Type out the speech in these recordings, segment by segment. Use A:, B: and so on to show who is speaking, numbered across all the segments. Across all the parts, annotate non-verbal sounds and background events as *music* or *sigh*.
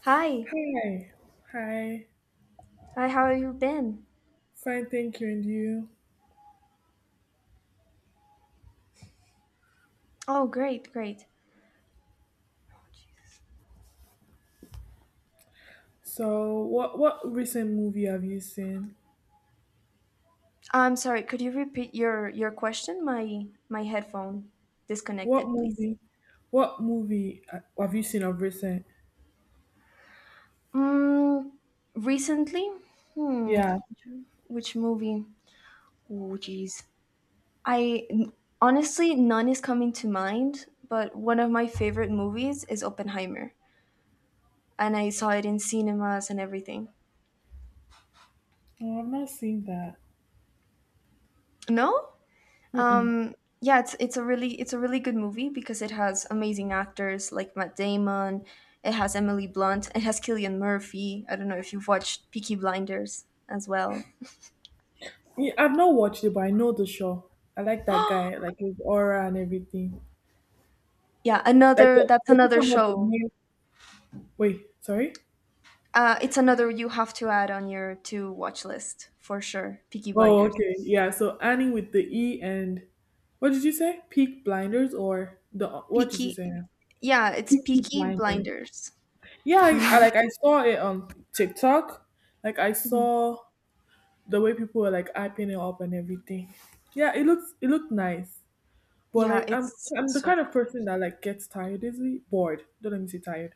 A: Hi.
B: Hi, hi,
A: Hi, how have you been?
B: Fine, thank you, and you.
A: Oh, great, great.
B: So, what recent movie have you seen?
A: I'm sorry, could you repeat your question? My headphone
B: What
A: disconnected, please.
B: movie? What movie have you seen of recent?
A: Mm, recently? Hmm.
B: Yeah,
A: Which movie? Oh, jeez. I honestly none is coming to mind, but one of my favorite movies is Oppenheimer, and I saw it in cinemas and everything.
B: no, I've not seen that.
A: No?
B: Mm-mm.
A: Um, yeah, it's a really it's a really good movie because it has amazing actors like Matt Damon, it has Emily Blunt, it has Killian Murphy. I don't know if you've watched Peaky Blinders as well.
B: Yeah, I've not watched it, but I know the show. I like that guy, like his aura and everything.
A: Yeah,
B: Like
A: another
B: you're
A: that's
B: you're
A: another
B: talking about the
A: show.
B: new. Wait, sorry.
A: It's another you have to add on your to watch list for sure. Peaky
B: Oh,
A: Blinders.
B: okay. Yeah. So Annie with the E and what did you say? Peak Blinders or the what did you say?
A: Peaky,
B: Now?
A: yeah, it's
B: Peaky
A: Peaky
B: Blinders.
A: Blinders.
B: Yeah, I
A: hmm
B: like I saw it on TikTok. Like I
A: hmm
B: saw the way people were like hyping it up and everything. Yeah, it looked nice. But
A: Yeah,
B: like I'm
A: it's
B: I'm the
A: so.
B: kind of person that like gets tired easily, bored. Don't let me say tired.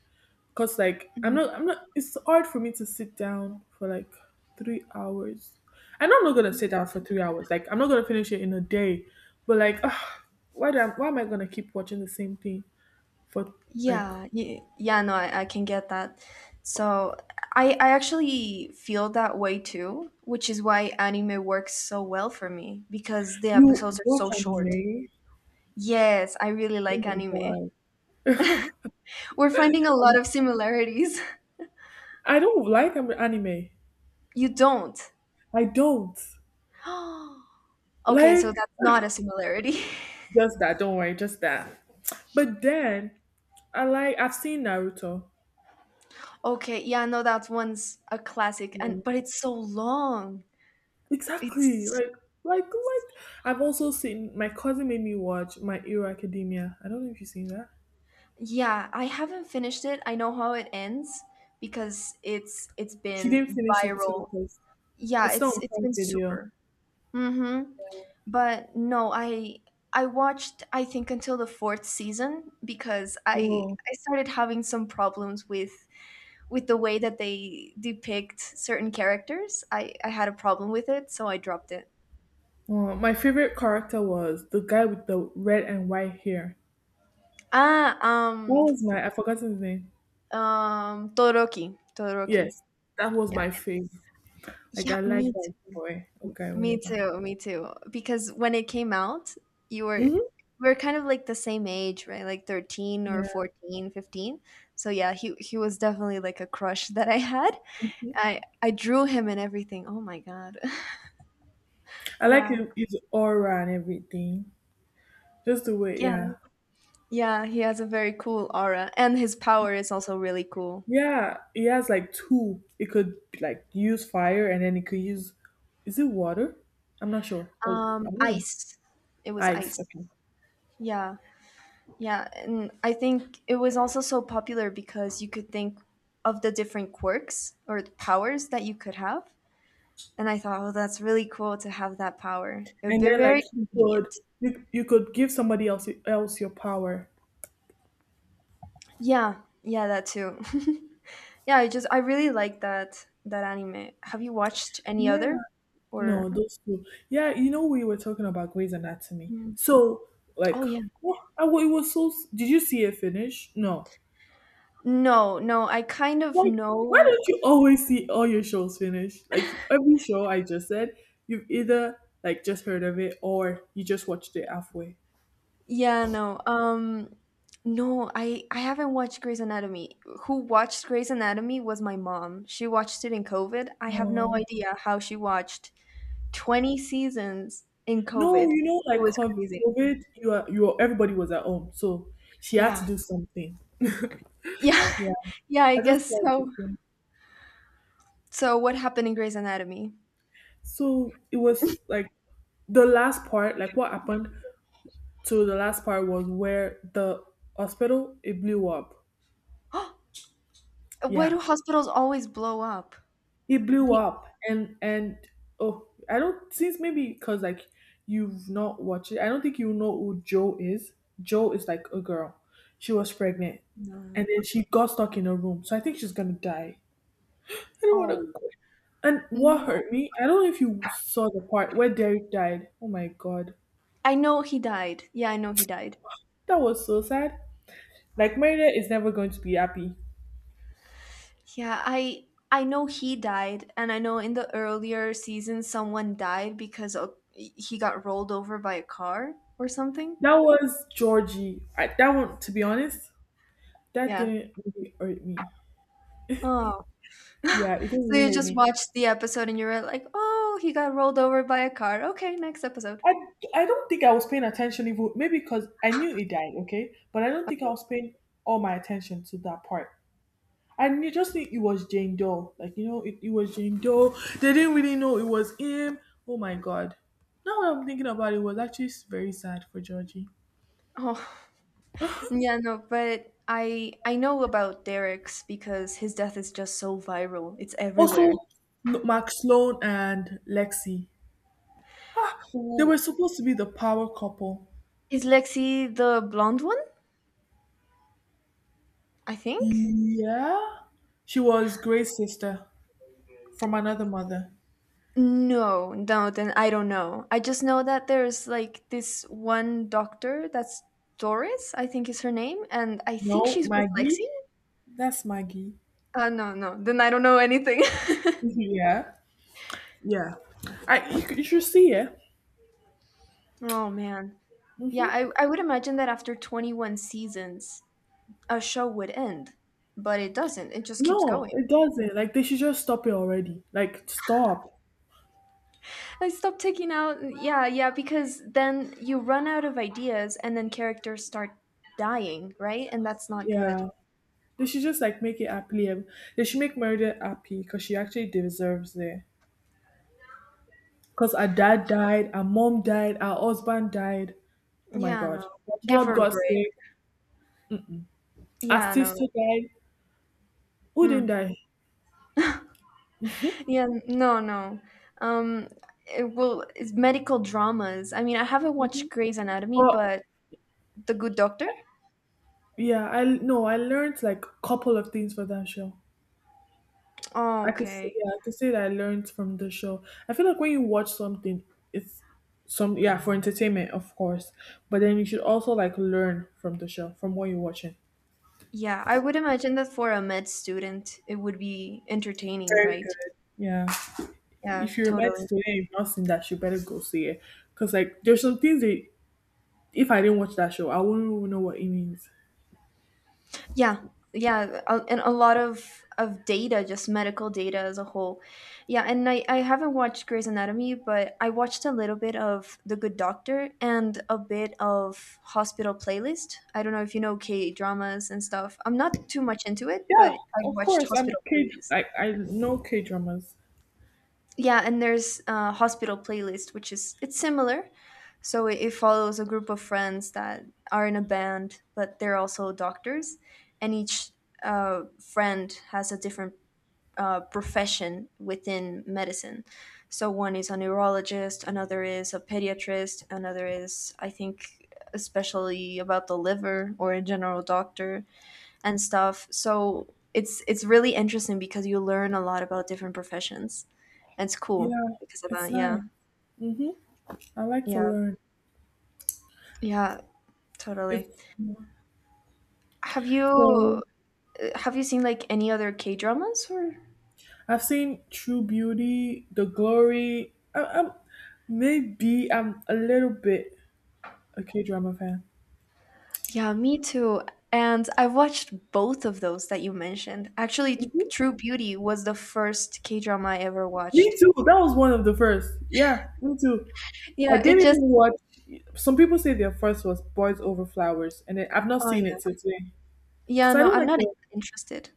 B: Cause like I'm not
A: Mhm.
B: I'm not it's hard for me to sit down for like 3 hours. I know I'm not gonna sit down for 3 hours. Like I'm not gonna finish it in a day. But like ugh, why am I gonna keep watching the same thing for like
A: Yeah, yeah, yeah no, I can get that. So I actually feel that way too, which is why anime works so well for me because the
B: you
A: episodes are
B: watch
A: so short.
B: anime?
A: Yes, I really
B: Oh
A: like
B: my
A: anime.
B: god.
A: We're finding a lot of similarities. *laughs*
B: I don't like anime.
A: You don't.
B: I don't.
A: *gasps* Okay,
B: Like
A: so that's not a
B: *laughs*
A: similarity.
B: just that, don't worry, just that. But then I've seen Naruto.
A: *laughs* Okay, yeah, no, that one's a classic
B: Yeah.
A: and but it's so long.
B: Exactly.
A: It's
B: Like I've also seen my cousin made me watch My Hero Academia. I don't know if you've seen that.
A: Yeah, I haven't finished it. I know how it ends because it's
B: She
A: been
B: didn't finish it too
A: viral.
B: because
A: Yeah,
B: it's not
A: it's
B: on
A: it's
B: Prime
A: been
B: Video.
A: super. Mm-hmm. But no, I watched I think until the fourth season because I
B: Whoa.
A: I started having some problems with the way that they depict certain characters. I had a problem with it, so I dropped it.
B: Whoa. My favorite character was the guy with the red and white hair.
A: Ah, um
B: What was my I forgot his name.
A: Todoroki, Todoroki.
B: Yes, that was my favorite. Like
A: Yeah,
B: I like
A: me
B: that
A: too.
B: boy or
A: M-
B: guy,
A: Me
B: whatever.
A: too. Me too. Because when it came out, you were
B: Hmm
A: we are kind of like the same age, right? Like 13 or
B: Yeah.
A: 14, 15. So yeah, he was definitely like a crush *laughs* that I had.
B: Mhm.
A: I drew him and everything. Oh my God. *laughs*
B: I like
A: Yeah.
B: him, his aura and everything. Just the way,
A: Yeah.
B: yeah.
A: Yeah, he has a very cool aura and his power is also really cool.
B: Yeah, he has like two. It could like use fire and then it could use, is it water? I'm not sure. Or, I don't know.
A: Ice. It was
B: Ice,
A: ice.
B: okay.
A: Yeah. Yeah, and I think it was also so popular because you could think of the different quirks or the powers that you could have. And I thought, oh, that's really cool to have that power. It would
B: And
A: be
B: then like
A: very convenient.
B: you could give somebody else your power.
A: Yeah, yeah, that too. *laughs* yeah, I just I really like that that anime. Have you watched any
B: Yeah.
A: other
B: No,
A: or
B: those two. Yeah, you know we were talking about Grey's Anatomy.
A: Mm.
B: So like,
A: Oh yeah.
B: what? It was so. Did you see it finish? No.
A: No, no, I kind of
B: Why? Why
A: know
B: don't you always see all your shows finish? Like every show I just said, you've either like just heard of it or you just watched it halfway.
A: Yeah, no. No, I haven't watched Grey's Anatomy. Who watched Grey's Anatomy was my mom. She watched it in COVID. I have no
B: No,
A: idea how she watched 20 seasons in
B: no,
A: COVID.
B: you know,
A: It
B: like
A: was crazy.
B: COVID, everybody was at home, so she had to
A: Yeah.
B: do something.
A: Yeah.
B: Yeah,
A: *laughs* Yeah, I
B: I just
A: guess
B: thought.
A: so. So what happened in Grey's Anatomy?
B: So it was like the last part, like what happened. So the last part was where the hospital it blew up.
A: *gasps* Why
B: Yeah,
A: do hospitals always blow up?
B: it blew
A: They,
B: up, and oh, I don't since maybe because like you've not watched it. I don't think you know who Joe is. Joe is like a girl. She was pregnant,
A: no.
B: and then she got stuck in a room. So I think she's gonna die. I don't want to.
A: Oh,
B: And what
A: no.
B: hurt me? I don't know if you saw the part where Derek died. Oh my god,
A: I know he died. Yeah, I know he died.
B: that was so sad. Like Merida is never going to be happy.
A: Yeah, I know he died, and I know in the earlier season someone died because he got rolled over by a car or something.
B: That was Georgie. That one, to be honest, that
A: Yeah.
B: didn't really hurt me.
A: Oh. *laughs* so
B: Yeah, it didn't really
A: you
B: hurt
A: just
B: me.
A: watched the episode and you were like, "Oh, he got rolled over by a car. Okay, next episode."
B: I, I don't think I was paying attention even maybe because I knew it died, okay? But I don't think I
A: Okay.
B: was paying all my attention to that part. I knew just knew it was Jane Doe. Like, you know, it was Jane Doe. They didn't really know it was him. Oh my god. Now that I'm thinking about it, it was actually very sad for Georgie.
A: Oh. *laughs* Yeah, no, but I know about Derek's because his death is just so viral. It's everywhere.
B: Also, Mark Sloan and Lexi. They were
A: Ooh.
B: supposed to be the power couple.
A: Is Lexi the blonde one? I think.
B: Yeah. She was Gray's sister from another mother.
A: No, no, then I don't know. I just know that there's like this one doctor that's Doris, I think is her name, and I think
B: No,
A: she's dyslexic.
B: Maggie. That's Maggie.
A: No, no, then I don't know anything.
B: Yeah. Yeah. You should see it.
A: *laughs* oh man. Yeah, I would imagine that after 21 seasons, a show would end, but it doesn't. It just keeps
B: No,
A: going.
B: it doesn't. Like they should just stop it already. Like stop.
A: I stopped taking out, yeah, yeah, because then you run out of ideas and then characters start dying, right? And that's not good.
B: Yeah. They should just like make it happily. They should make Meredith happy because she actually deserves it. Because our dad died, our mom died, our husband died. Oh my
A: Yeah, no.
B: god. Our
A: Give
B: child
A: her a
B: got
A: break.
B: sick. Our
A: Yeah,
B: sister
A: no.
B: died. Who didn't
A: Hmm.
B: die?
A: Yeah, no, no. Um, it, well, it's medical dramas. I mean, I haven't watched Grey's Anatomy,
B: But
A: but The Good Doctor?
B: yeah, I no, I learned like a couple of things for that show.
A: Oh,
B: I could say,
A: okay.
B: yeah, I could say that I learned from the show. I feel like when you watch something, it's some yeah for entertainment, of course, but then you should also like learn from the show from what you're watching.
A: Yeah, I would imagine that for a med student, it would be entertaining,
B: Very
A: right?
B: good. Yeah,
A: Yeah,
B: if you're met
A: totally.
B: to it, and you've not seen that show, better go see it, cause like there's some things that if I didn't watch that show, I wouldn't even know what it means.
A: Yeah, yeah, and a lot of data, just medical data as a whole. Yeah, and I haven't watched Grey's Anatomy, but I watched a little bit of The Good Doctor and a bit of Hospital Playlist. I don't know if you know K dramas and stuff. I'm not too much into it,
B: Yeah,
A: but I
B: of
A: watched
B: course. I'm
A: Hospital
B: K.
A: Playlist
B: Like I know K dramas.
A: yeah and there's a hospital playlist which is it's similar so it follows a group of friends that are in a band but they're also doctors and each friend has a different profession within medicine so one is a neurologist another is a pediatrist another is I think especially about the liver or a general doctor and stuff so it's really interesting because you learn a lot about different professions it's cool
B: Yeah,
A: because of
B: it's
A: that.
B: nice.
A: Yeah.
B: Mm-hmm. I like to
A: Yeah.
B: learn.
A: Yeah,
B: If
A: totally. Have
B: so,
A: you have you seen like any other K-dramas or?
B: I've seen True Beauty, The Glory. I'm maybe I'm a little bit a K drama fan.
A: Yeah, me too. And I watched both of those that you mentioned. Actually,
B: Mhm.
A: True Beauty was the first K-drama I ever
B: Me
A: watched.
B: too. That was one of the first. Yeah, me too. I
A: Yeah,
B: didn't
A: it
B: even
A: just
B: watch. Some people say their first was Boys Over Flowers, and then I've not
A: oh
B: seen it till
A: yeah.
B: today
A: Yeah,
B: because I
A: no,
B: don't
A: I'm
B: like
A: not
B: the.
A: interested.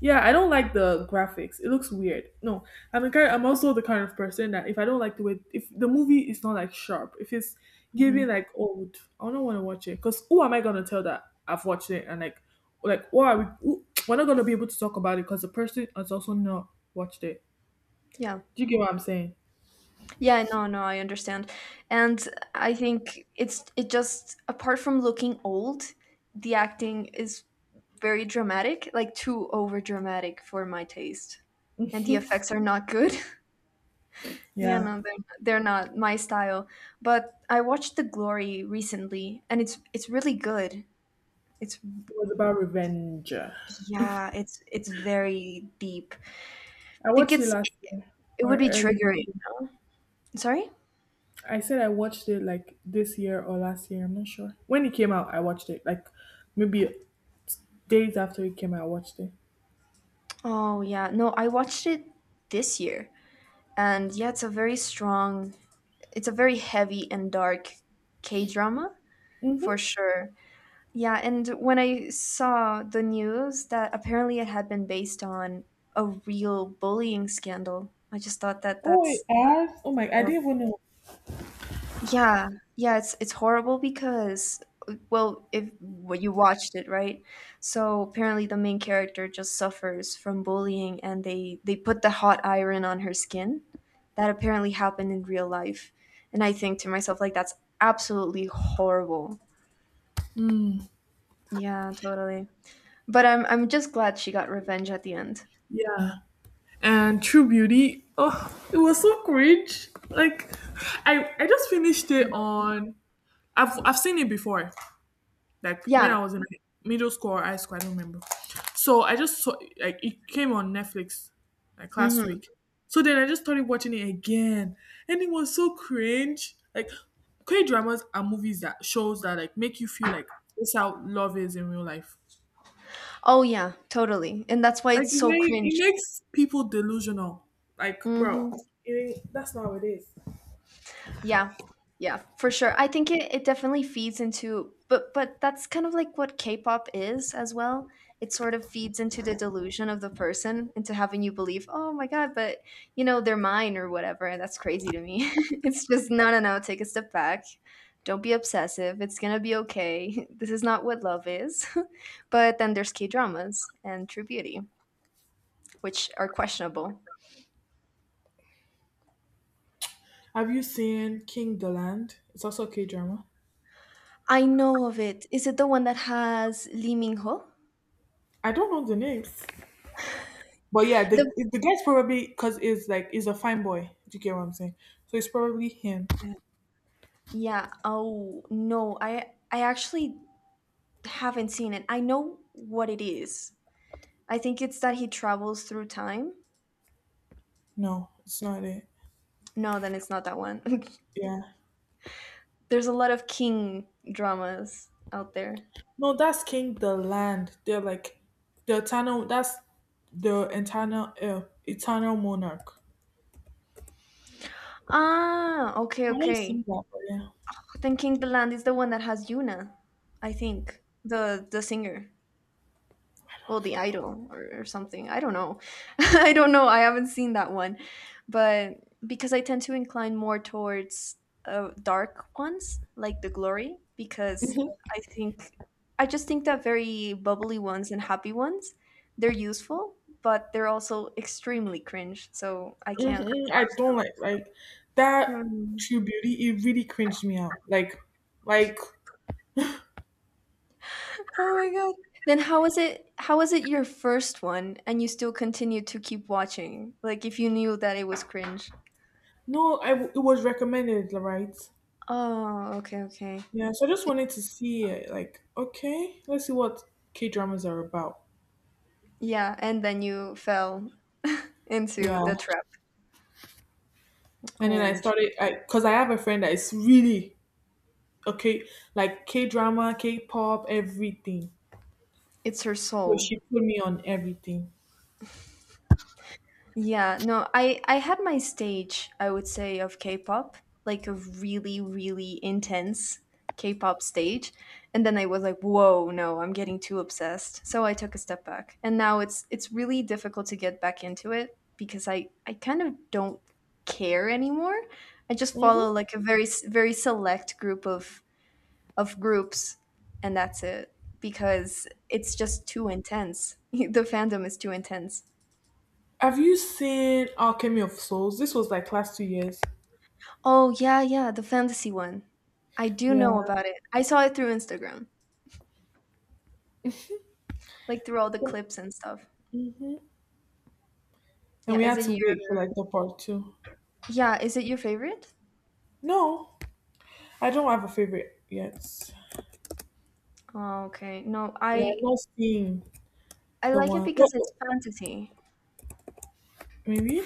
B: Yeah, I don't like the graphics. It looks weird. No, I'm also the kind of person that if I don't like the way if the movie is not like sharp, if it's giving
A: hmm
B: like old, I don't want to watch it because who am I gonna tell that I've watched it and like why are we who, we're not gonna be able to talk about it because the person has also not watched it.
A: Yeah.
B: Do you get what I'm saying?
A: Yeah, no, no, I understand. And I think it's it just apart from looking old, the acting is very dramatic, like too over dramatic for my taste. And the effects are not good. *laughs* yeah,
B: Yeah,
A: no, they're not my style. But I watched The Glory recently, and it's really good. It's
B: it was about revenge. I
A: yeah, it's very deep. I think
B: watched it
A: it's
B: last year
A: it
B: or
A: would be
B: early this
A: triggering.
B: year.
A: Sorry?
B: I said I watched it like this year or last year. I'm not sure when it came out. I watched it like maybe days after it came out, I watched it.
A: Oh yeah, no, I watched it this year, and yeah, it's a very heavy and dark K drama for
B: Hmm
A: sure. Yeah, and when I saw the news that apparently it had been based on a real bullying scandal, I just thought that
B: Oh, it
A: that's
B: has? Oh my, I
A: horrible.
B: didn't even know.
A: Yeah, yeah, it's horrible because well, if well, you watched it, right? So apparently the main character just suffers from bullying and they put the hot iron on her skin. That apparently happened in real life. And I think to myself like that's absolutely horrible. Yeah, totally. But I'm just glad she got revenge at the end.
B: Yeah. And True Beauty. Oh, it was so cringe. Like, I just finished it on. I've seen it before. Like when
A: Yeah.
B: I was in middle school or high school, I don't remember. So I just saw like it came on Netflix like last
A: Mhm.
B: week. So then I just started watching it again, and it was so cringe. Like K dramas are movies that shows that like make you feel like this how love is in real life.
A: Oh yeah, totally. And that's why
B: Like
A: it's so
B: it
A: cringe.
B: makes people delusional. Like, bro,
A: Mhm.
B: it that's not how it is.
A: Yeah. Yeah, for sure. I think it definitely feeds into but that's kind of like what K-pop is as well. It sort of feeds into the delusion of the person into having you believe, "Oh my god, but you know, they're mine or whatever." And that's crazy to me. *laughs* it's just no, no, no, take a step back. Don't be obsessive. It's going to be okay. *laughs* This is not what love is. *laughs* but then there's K-dramas and True Beauty, which are questionable.
B: Have you seen King the Land? It's also a K drama.
A: I know of it. Is it the one that has Lee Min-ho?
B: I don't know the names, but yeah, the
A: The
B: the guy's probably because is like he's a fine boy. Do you get what I'm saying? So it's probably him.
A: Yeah. Oh, no. I actually haven't seen it. I know what it is. I think it's that he travels through time.
B: No, it's not it.
A: No, then it's not that one. *laughs*
B: Yeah,
A: There's a lot of king dramas out there.
B: no, that's King the Land. They're like the eternal. That's the eternal, eternal monarch.
A: Ah, okay,
B: I've not seen
A: okay.
B: that, but yeah.
A: Then King the Land is the one that has Yuna, I think. The singer. Well the idol or something I don't know *laughs* I don't know I haven't seen that one but because I tend to incline more towards dark ones like the glory because i think I just think that very bubbly ones and happy ones they're useful but they're also extremely cringe so I can't
B: Mhm. I
A: watch
B: don't
A: them
B: like like that
A: Mhm.
B: True Beauty. It really cringed me out. Like
A: oh my god then how was it your first one and you still continued to keep watching like if you knew that it was cringe
B: no, I it was recommended, like, right?
A: Oh, okay, okay.
B: Yeah. So I just
A: So-
B: wanted to see it. Like, okay, let's see what K dramas are about.
A: Yeah, and then you fell into
B: Yeah.
A: the trap.
B: And then
A: Oh, sh-
B: I because I have a friend that is really okay, like K drama, K pop, everything.
A: it's her
B: So
A: soul.
B: she put me on everything.
A: Yeah, no, I had my stage, I would say, of K-pop, like a really, really intense K-pop stage, and then I was like, whoa, no, I'm getting too obsessed. So I took a step back, and now it's really difficult to get back into it because I kind of don't care anymore. I just
B: Hmm
A: follow like a very s- very select group of groups and that's it because it's just too intense. *laughs* the fandom is too intense.
B: Have you seen Alchemy of Souls? This was like last 2 years.
A: Oh, yeah, yeah, the fantasy one. I do
B: Yeah.
A: know about it. I saw it through Instagram, like through all the clips and stuff.
B: And we
A: Yeah, is
B: had
A: it
B: to
A: your
B: wait for like the part two.
A: Yeah, is it your favorite?
B: No, I don't have a favorite yet.
A: Oh, okay. No,
B: Yeah, I'm not seeing
A: I
B: the
A: like it
B: one. What?
A: because it's fantasy.
B: Maybe.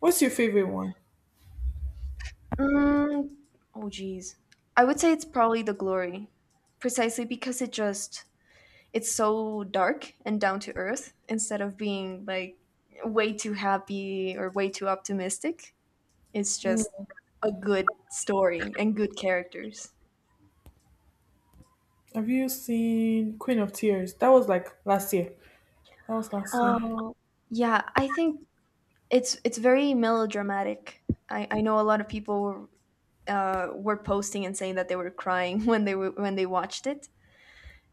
B: What's your favorite one?
A: Mm, oh, geez. I would say it's probably the glory, precisely because it's so dark and down to earth instead of being like way too happy or way too optimistic. It's just a good story and good characters.
B: Have you seen Queen of Tears? That was like last year. That was last year.
A: Oh, yeah, I think it's very melodramatic. I know a lot of people were posting and saying that they were crying *laughs* when they were when they watched it,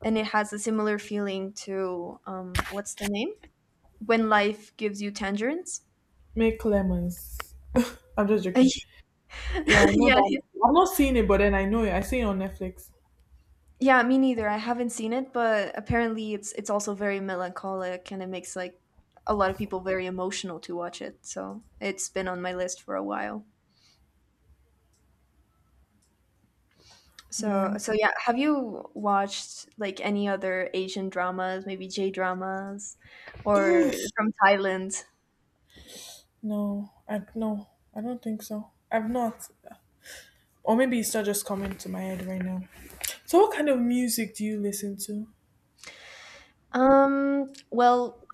A: and it has a similar feeling to what's the name? When life gives you tangerines.
B: Make Lemons. *laughs* I'm just joking. Yeah, I
A: *laughs*
B: know
A: yeah.
B: that. I am not seeing it, but then I know it. I see it on Netflix.
A: Yeah, me neither. I haven't seen it, but apparently it's also very melancholic and it makes like a lot of people very emotional to watch it. So it's been on my list for a while. So
B: Yeah.
A: so yeah, have you watched like any other Asian dramas, maybe J dramas or from Thailand?
B: No, I don't think so. I've not, or maybe it's not just coming to my head right now. So, what kind of music do you listen to?
A: Well,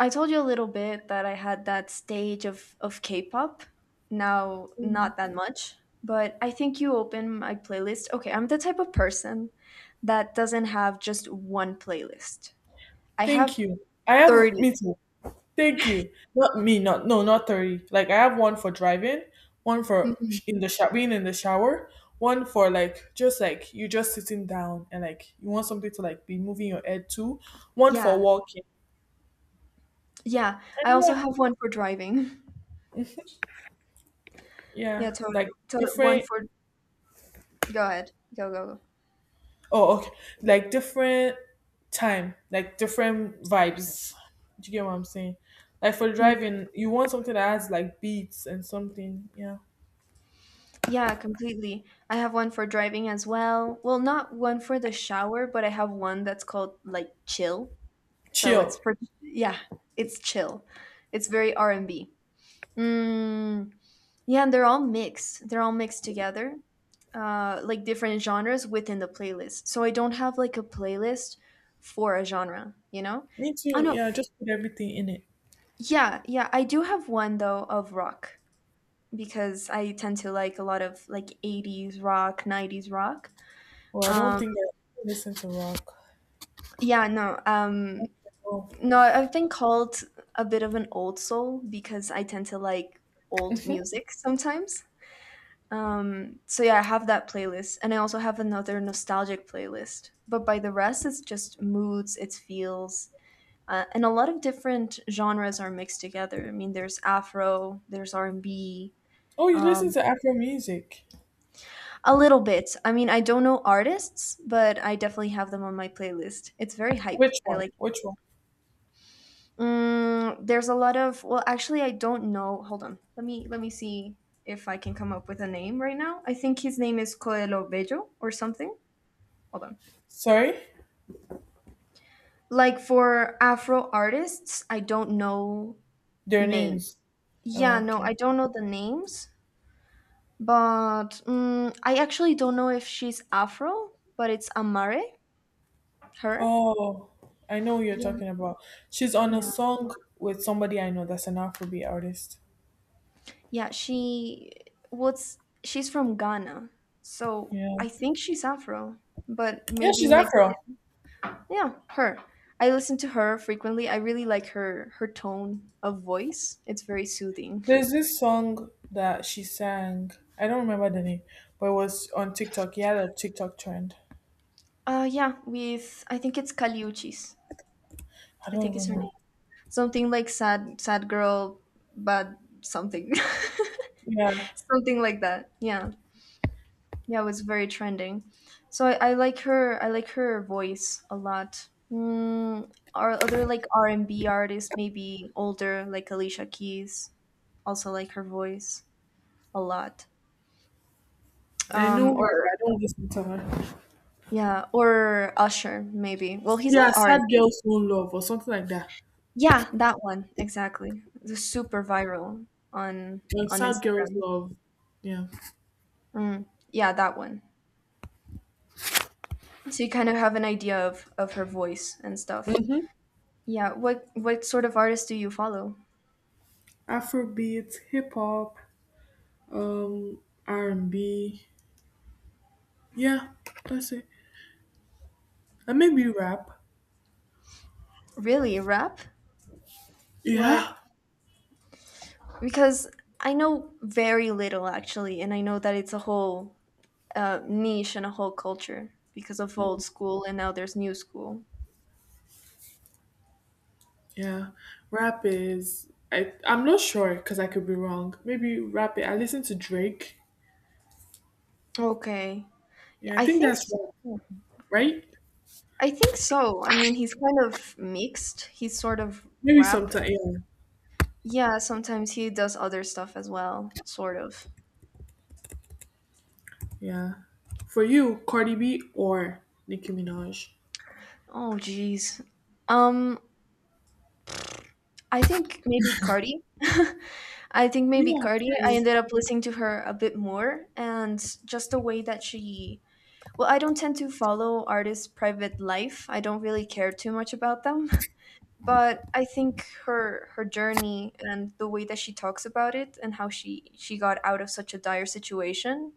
A: I told you a little bit that I had that stage of K-pop. Now, not that much, but I think you open my playlist. Okay, I'm the type of person that doesn't have just one playlist. I
B: Thank
A: have
B: you. I have
A: 30.
B: me too. Thank you. Not me. Not no. Not 30. Like I have one for driving, one for
A: Mhm.
B: being in the shower, one for like just like you just sitting down and like you want something to like be moving your head to, one for
A: Yeah.
B: walking.
A: Yeah. I
B: And
A: also
B: yeah,
A: have one for driving. *laughs*
B: yeah,
A: Yeah, totally.
B: like
A: One
B: different.
A: for go ahead. Go go go.
B: Oh, okay. Like different time, like different vibes. Do you get what I'm saying? Like for
A: Mm,
B: driving, you want something that has like beats and something. Yeah,
A: Yeah, completely. I have one for driving as well. Well, not one for the shower, but I have one that's called like chill. So
B: chill.
A: it's it's chill. It's very R and B. Mm, yeah, and they're all mixed. They're all mixed together, like different genres within the playlist. So I don't have like a playlist for a genre. You know?
B: Me
A: Oh
B: too.
A: no.
B: Yeah, just put everything in it.
A: Yeah, yeah. I do have one though of rock because I tend to like a lot of like '80s rock, '90s rock.
B: Well, I don't
A: Um,
B: think I listen to rock.
A: yeah, no. Um,
B: Oh.
A: No, I- I've been called a bit of an old soul because I tend to like old music sometimes. So yeah, I have that playlist, and I also have another nostalgic playlist. But by the rest, it's just moods, it's feels, and a lot of different genres are mixed together. I mean, there's Afro, there's R and B,
B: Oh, you listen
A: um,
B: to Afro music.
A: a little bit. I mean, I don't know artists, but I definitely have them on my playlist. It's very hype.
B: Which
A: I
B: one?
A: like.
B: Which one?
A: There's a lot of I don't know. Hold on, let me see if I can come up with a name right now. I think his name is Coelho Bello or something. Hold on.
B: Sorry?
A: Like for Afro artists, I don't know
B: Their
A: names.
B: names.
A: Yeah, no,
B: Okay.
A: I don't know the names, but I actually don't know if she's Afro, but it's Amare, her.
B: Oh, I know who you're
A: Yeah,
B: talking about. She's on a
A: yeah.
B: song with somebody I know that's an Afrobeat artist.
A: Yeah, she's from Ghana. So
B: Yeah.
A: I think she's Afro, but
B: Yeah,
A: maybe
B: she's
A: mixed.
B: Afro.
A: Yeah, her. I listen to her frequently. I really like her tone of voice. It's very soothing.
B: There's this song that she sang. I don't remember the name, but it was on TikTok. Yeah, the TikTok trend.
A: Yeah, with I think it's Kaliuchis.
B: I
A: I
B: don't
A: think is
B: even
A: her
B: know.
A: name. Something like sad girl but something. *laughs*
B: Yeah.
A: something like that. Yeah. Yeah, it was very trending. So I like her. I like her voice a lot. Or other like R and B artists, maybe older, like Alicia Keys. Also like her voice a lot.
B: I
A: Um,
B: know her, but
A: or
B: I don't listen to her.
A: yeah, or Usher maybe. Well, he's not
B: Yeah,
A: R
B: sad
A: and B.
B: girls won't love or something like that.
A: Yeah, that one exactly. The super viral on on
B: Sad girls
A: Instagram.
B: love. Yeah.
A: Mm, yeah, that one. So you kind of have an idea of her voice and stuff. Yeah. What sort of artists do you follow?
B: Afrobeat, hip hop, um, R and B. Yeah, that's it. And maybe rap.
A: Really, rap? What?
B: Yeah.
A: Because I know very little actually, and I know that it's a whole niche and a whole culture because of old
B: Mm,
A: school and now there's new school.
B: yeah. Rap is I I'm not sure because I could be wrong. Maybe rap I listen to Drake.
A: Okay,
B: Yeah, I
A: I
B: think
A: think
B: that's rap,
A: so.
B: right?
A: I think so. I mean, he's kind of mixed. He's sort of
B: Maybe
A: rap.
B: sometime yeah.
A: Yeah, sometimes he does other stuff as well, sort of.
B: Yeah. For you, Cardi B or Nicki Minaj?
A: Oh, jeez. Um, I think maybe Cardi. *laughs* I think maybe
B: Yeah,
A: Cardi. I
B: Cardi.
A: ended up listening to her a bit more and just the way that she. I don't tend to follow artists' private life. I don't really care too much about them. *laughs* But I think her journey and the way that she talks about it and how she got out of such a dire situation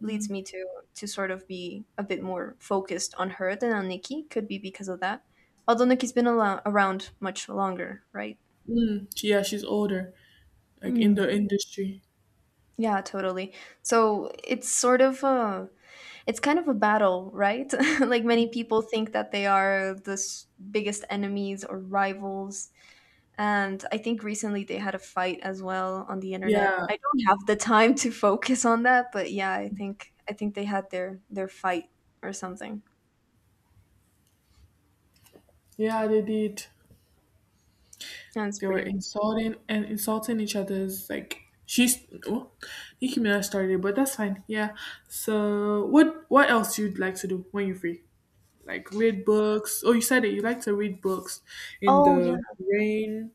A: leads me to sort of be a bit more focused on her than on Nikki. Could be because of that. Although Nikki's been a around much longer, right?
B: Mm, yeah, she's older, like in the
A: *clears throat*
B: industry.
A: Yeah, totally. So it's kind of a battle, right? *laughs* like many people think that they are the biggest enemies or rivals. And I think recently they had a fight as well on the internet.
B: Yeah,
A: I don't have the time to focus on that, but yeah, I think they had their fight or something.
B: yeah, they did.
A: And it's
B: They were
A: pretty
B: insulting and insulting each other's like she's well, Nicki Minaj started, but that's fine. Yeah. So what else you'd like to do when you're free? Like read books. Oh, you said that you like to read books in
A: Oh yeah.
B: the rain,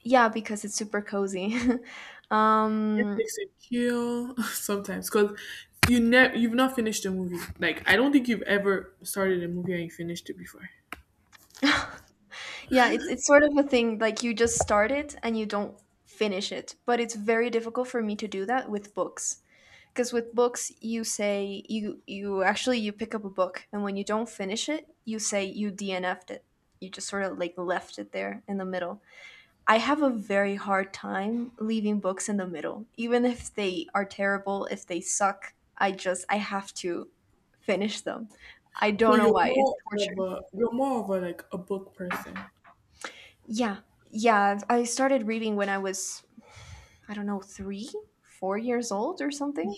A: Yeah, because it's super cozy. *laughs* um
B: Netflix and chill *laughs* sometimes because you've not finished a movie. Like I don't think you've ever started a movie and you finished it before.
A: *laughs* Yeah, it's sort of a thing like you just start it and you don't finish it. But it's very difficult for me to do that with books. Because with books you actually you pick up a book and when you don't finish it, you say you DNF'd it. You just sort of like left it there in the middle. I have a very hard time leaving books in the middle. Even if they are terrible, if they suck, I have to finish them. I
B: So
A: don't know why. It's torture.
B: you're more of a like a book person.
A: Yeah. Yeah. I started reading when I was, I don't know, three, 4 years old or something.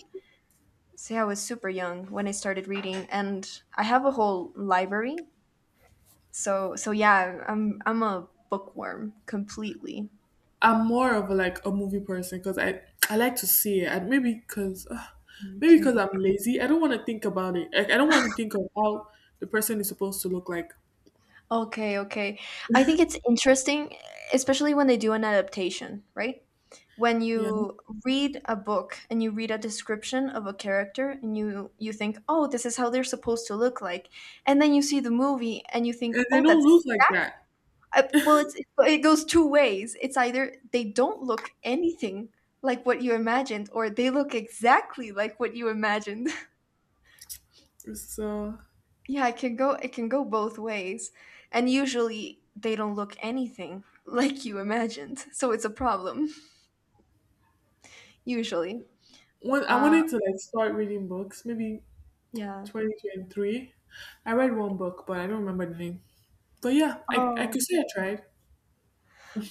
A: So yeah, I was super young when I started reading, and I have a whole library. So yeah, I'm a bookworm completely.
B: I'm more of a, like a movie person because I like to see it. And
A: Mm.
B: maybe because
A: Okay.
B: I'm lazy, I don't want to think about it. Like I don't want to think of how the person is supposed to look like.
A: Okay, okay. I think it's interesting, especially when they do an adaptation, right? When
B: Yeah,
A: you read a book and you read a description of a character and you think, "Oh, this is how they're supposed to look like." And then you see the movie and you think,
B: and they
A: "Oh,
B: don't
A: that's
B: look
A: *laughs*
B: like that.
A: well, it goes two ways. It's either they don't look anything like what you imagined or they look exactly like what you imagined."
B: So
A: Yeah, it can go both ways. And usually they don't look anything *laughs* like you imagined. So it's a problem *laughs* usually.
B: one, I
A: Uh
B: wanted to like start reading books. Maybe
A: yeah.
B: 2023, I read one book, but I don't remember the name. But yeah, I
A: Oh,
B: could say I tried.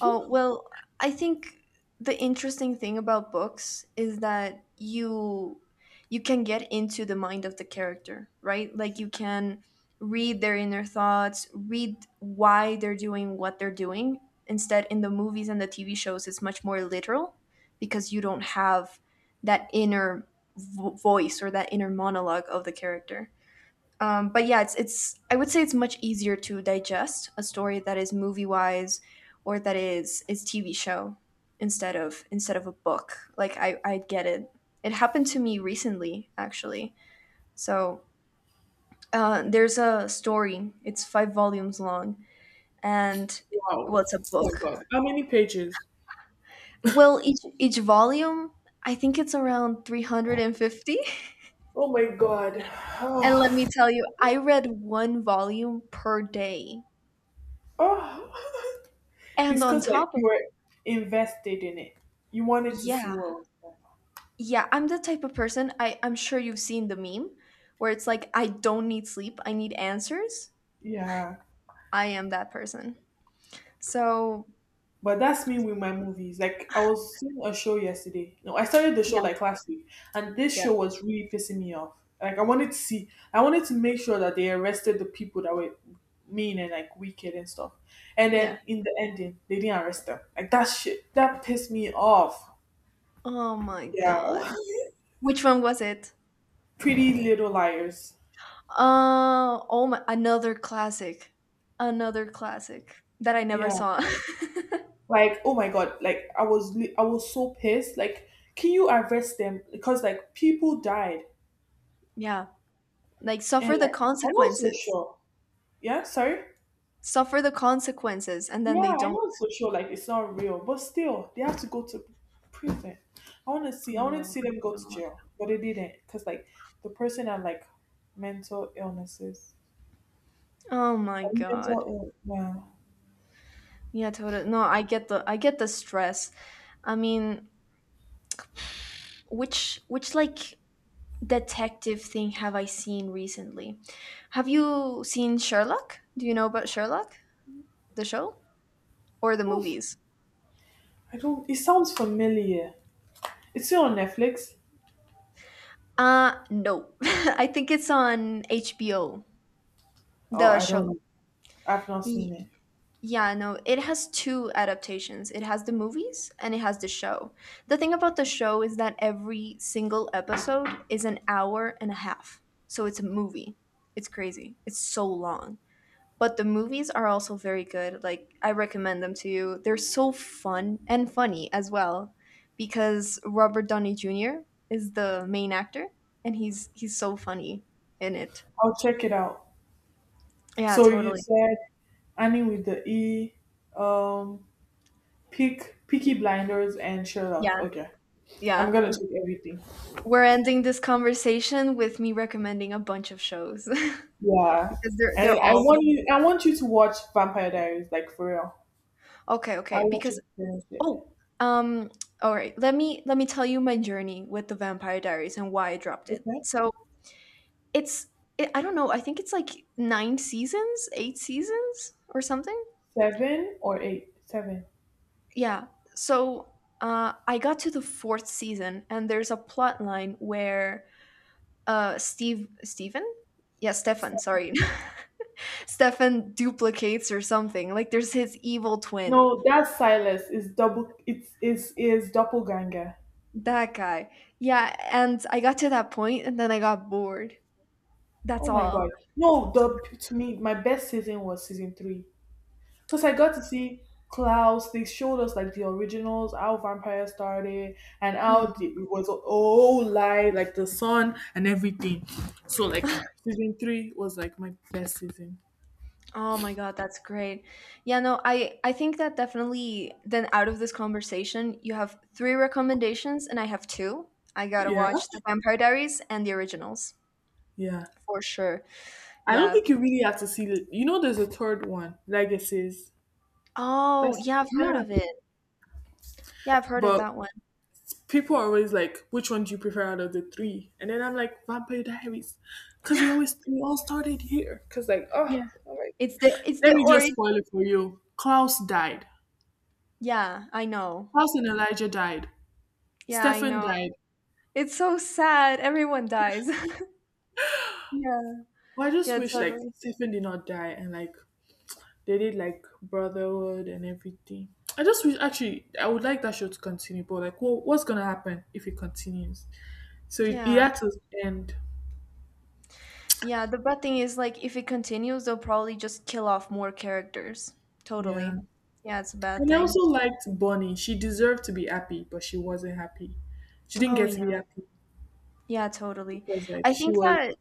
A: Oh, well, I think the interesting thing about books is that you can get into the mind of the character, right? Like you can read their inner thoughts, read why they're doing what they're doing. Instead, in the movies and the TV shows, it's much more literal because you don't have that inner voice or that inner monologue of the character. But yeah, it's I would say it's much easier to digest a story that is movie wise or that is TV show instead of a book. Like I get it. It happened to me recently actually. So there's a story. It's five volumes long, and
B: Wow.
A: well, it's a
B: Oh my
A: book.
B: god. How many pages?
A: Well, each volume, I think it's around 350. And 50. *laughs*
B: Oh my god. *sighs*
A: And let
B: Oh.
A: me tell you, I read one volume per day.
B: Oh. *laughs* It's
A: And on
B: because like
A: top of
B: you were invested in it. You wanted to see
A: yeah,
B: what was going on.
A: Yeah, I'm the type of person I'm sure you've seen the meme where it's like, I don't need sleep, I need answers.
B: Yeah.
A: I am that person. So
B: But that's me with my movies. Like I was seeing a show yesterday. No, I started the show
A: yeah,
B: like last week, and this
A: yeah,
B: show was really pissing me off. Like I wanted to make sure that they arrested the people that were mean and like wicked and stuff. And then
A: yeah.
B: in the ending, they didn't arrest them. Like that shit, that pissed me off.
A: Oh my
B: Yeah.
A: god. Which one was it?
B: *laughs* Pretty Little Liars.
A: Oh my another classic. Another classic that I never
B: Yeah.
A: saw.
B: Like, oh my god, like I was so pissed. Like, can you arrest them? Because like people died.
A: *laughs* yeah. Like
B: And
A: suffer the
B: like I'm not so
A: consequences.
B: sure. Yeah, sorry?
A: Suffer the consequences and then
B: Yeah,
A: they
B: I'm
A: don't.
B: not so sure like it's not real, but still they have to go to prison. I wanted to
A: Oh
B: see
A: my
B: them go to
A: god.
B: jail, but they didn't because like the person had like mental illnesses.
A: Oh my
B: I
A: god.
B: Mental ill yeah.
A: Yeah, totally. No, I get the stress. I mean, which like detective thing have I seen recently? Have you seen Sherlock? Do you know about Sherlock, the show or the
B: Oof.
A: movies?
B: I don't it sounds familiar. It's still on Netflix.
A: No. *laughs* I think it's on HBO,
B: Oh,
A: the
B: I don't
A: show.
B: know. I've not seen
A: Y-
B: it.
A: Yeah, no, it has two adaptations. It has the movies and it has the show. The thing about the show is that every single episode is an hour and a half. So it's a movie. It's crazy. It's so long. But the movies are also very good. Like, I recommend them to you. They're so fun and funny as well because Robert Downey Jr. is the main actor and he's so funny in it.
B: I'll check it out.
A: Yeah,
B: So you
A: totally.
B: said Annie with the E, um, Peaky Blinders, and Sherlock.
A: Yeah,
B: Okay, I'm
A: yeah.
B: gonna check everything.
A: We're ending this conversation with me recommending a bunch of shows *laughs*
B: Yeah,
A: because they're
B: and
A: they're all
B: I want you to watch Vampire Diaries, like for real.
A: okay,
B: I
A: okay.
B: want you
A: Because
B: to finish it.
A: oh, um, all right. Let me tell you my journey with the Vampire Diaries and why I dropped it.
B: Okay,
A: So it's I don't know. I think it's like nine seasons, eight seasons, or something.
B: seven or eight? Seven.
A: Yeah. So I got to the fourth season, and there's a plot line where Steve Stephen, yeah, Stefan,
B: Seven.
A: sorry, Stefan duplicates or something. Like there's his evil twin.
B: No, that's Silas. It's double. It's is doppelganger.
A: That guy. Yeah, and I got to that point and then I got bored. That's
B: Oh my
A: all.
B: god. No, the to me my best season was season three. Because I got to see Klaus, they showed us like the originals, how vampire started, and
A: Mm.
B: it was a whole lie, like the sun and everything. So, like,
A: *laughs*
B: season three was like my best season.
A: Oh my god, that's great. Yeah, no, I think that definitely then out of this conversation, you have three recommendations and I have two. I got to
B: Yeah,
A: watch The Vampire Diaries and the originals
B: yeah.
A: for sure.
B: I don't
A: Yeah.
B: think you really have to see it. You know, there's a third one, Legacies.
A: Oh,
B: That's,
A: yeah, I've heard
B: yeah.
A: of it. Yeah, I've heard of
B: But
A: that one.
B: people are always like, which one do you prefer out of the three? And then I'm like, Vampire Diaries, because they always we all started here. Because like, oh,
A: Yeah.
B: all right.
A: It's the it's
B: Let
A: the
B: me just
A: origin.
B: spoil it for you. Klaus died.
A: Yeah, I know.
B: Klaus and Elijah died.
A: Yeah, I
B: Stefan
A: know.
B: died.
A: It's so sad. Everyone dies. *laughs* Yeah.
B: Well, I just
A: Yeah,
B: wish like
A: totally.
B: Stefan did not die and like they did like brotherhood and everything. I just wish actually I would like that show to continue, but like, what's gonna happen if it continues? So it
A: Yeah.
B: had to end.
A: Yeah, the bad thing is like if it continues, they'll probably just kill off more characters.
B: Yeah.
A: Totally. Yeah, it's a bad
B: And I
A: thing.
B: also liked Bonnie. She deserved to be happy, but she wasn't happy. She didn't
A: Oh
B: get to be
A: yeah.
B: happy
A: Yeah, totally.
B: because like
A: I
B: she
A: think
B: was
A: that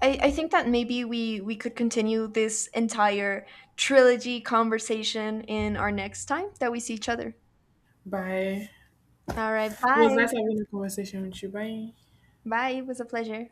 A: I think that maybe we could continue this entire trilogy conversation in our next time that we see each other.
B: by
A: All right.
B: it was
A: Bye.
B: nice having a conversation with you. Bye.
A: Bye. It was a pleasure.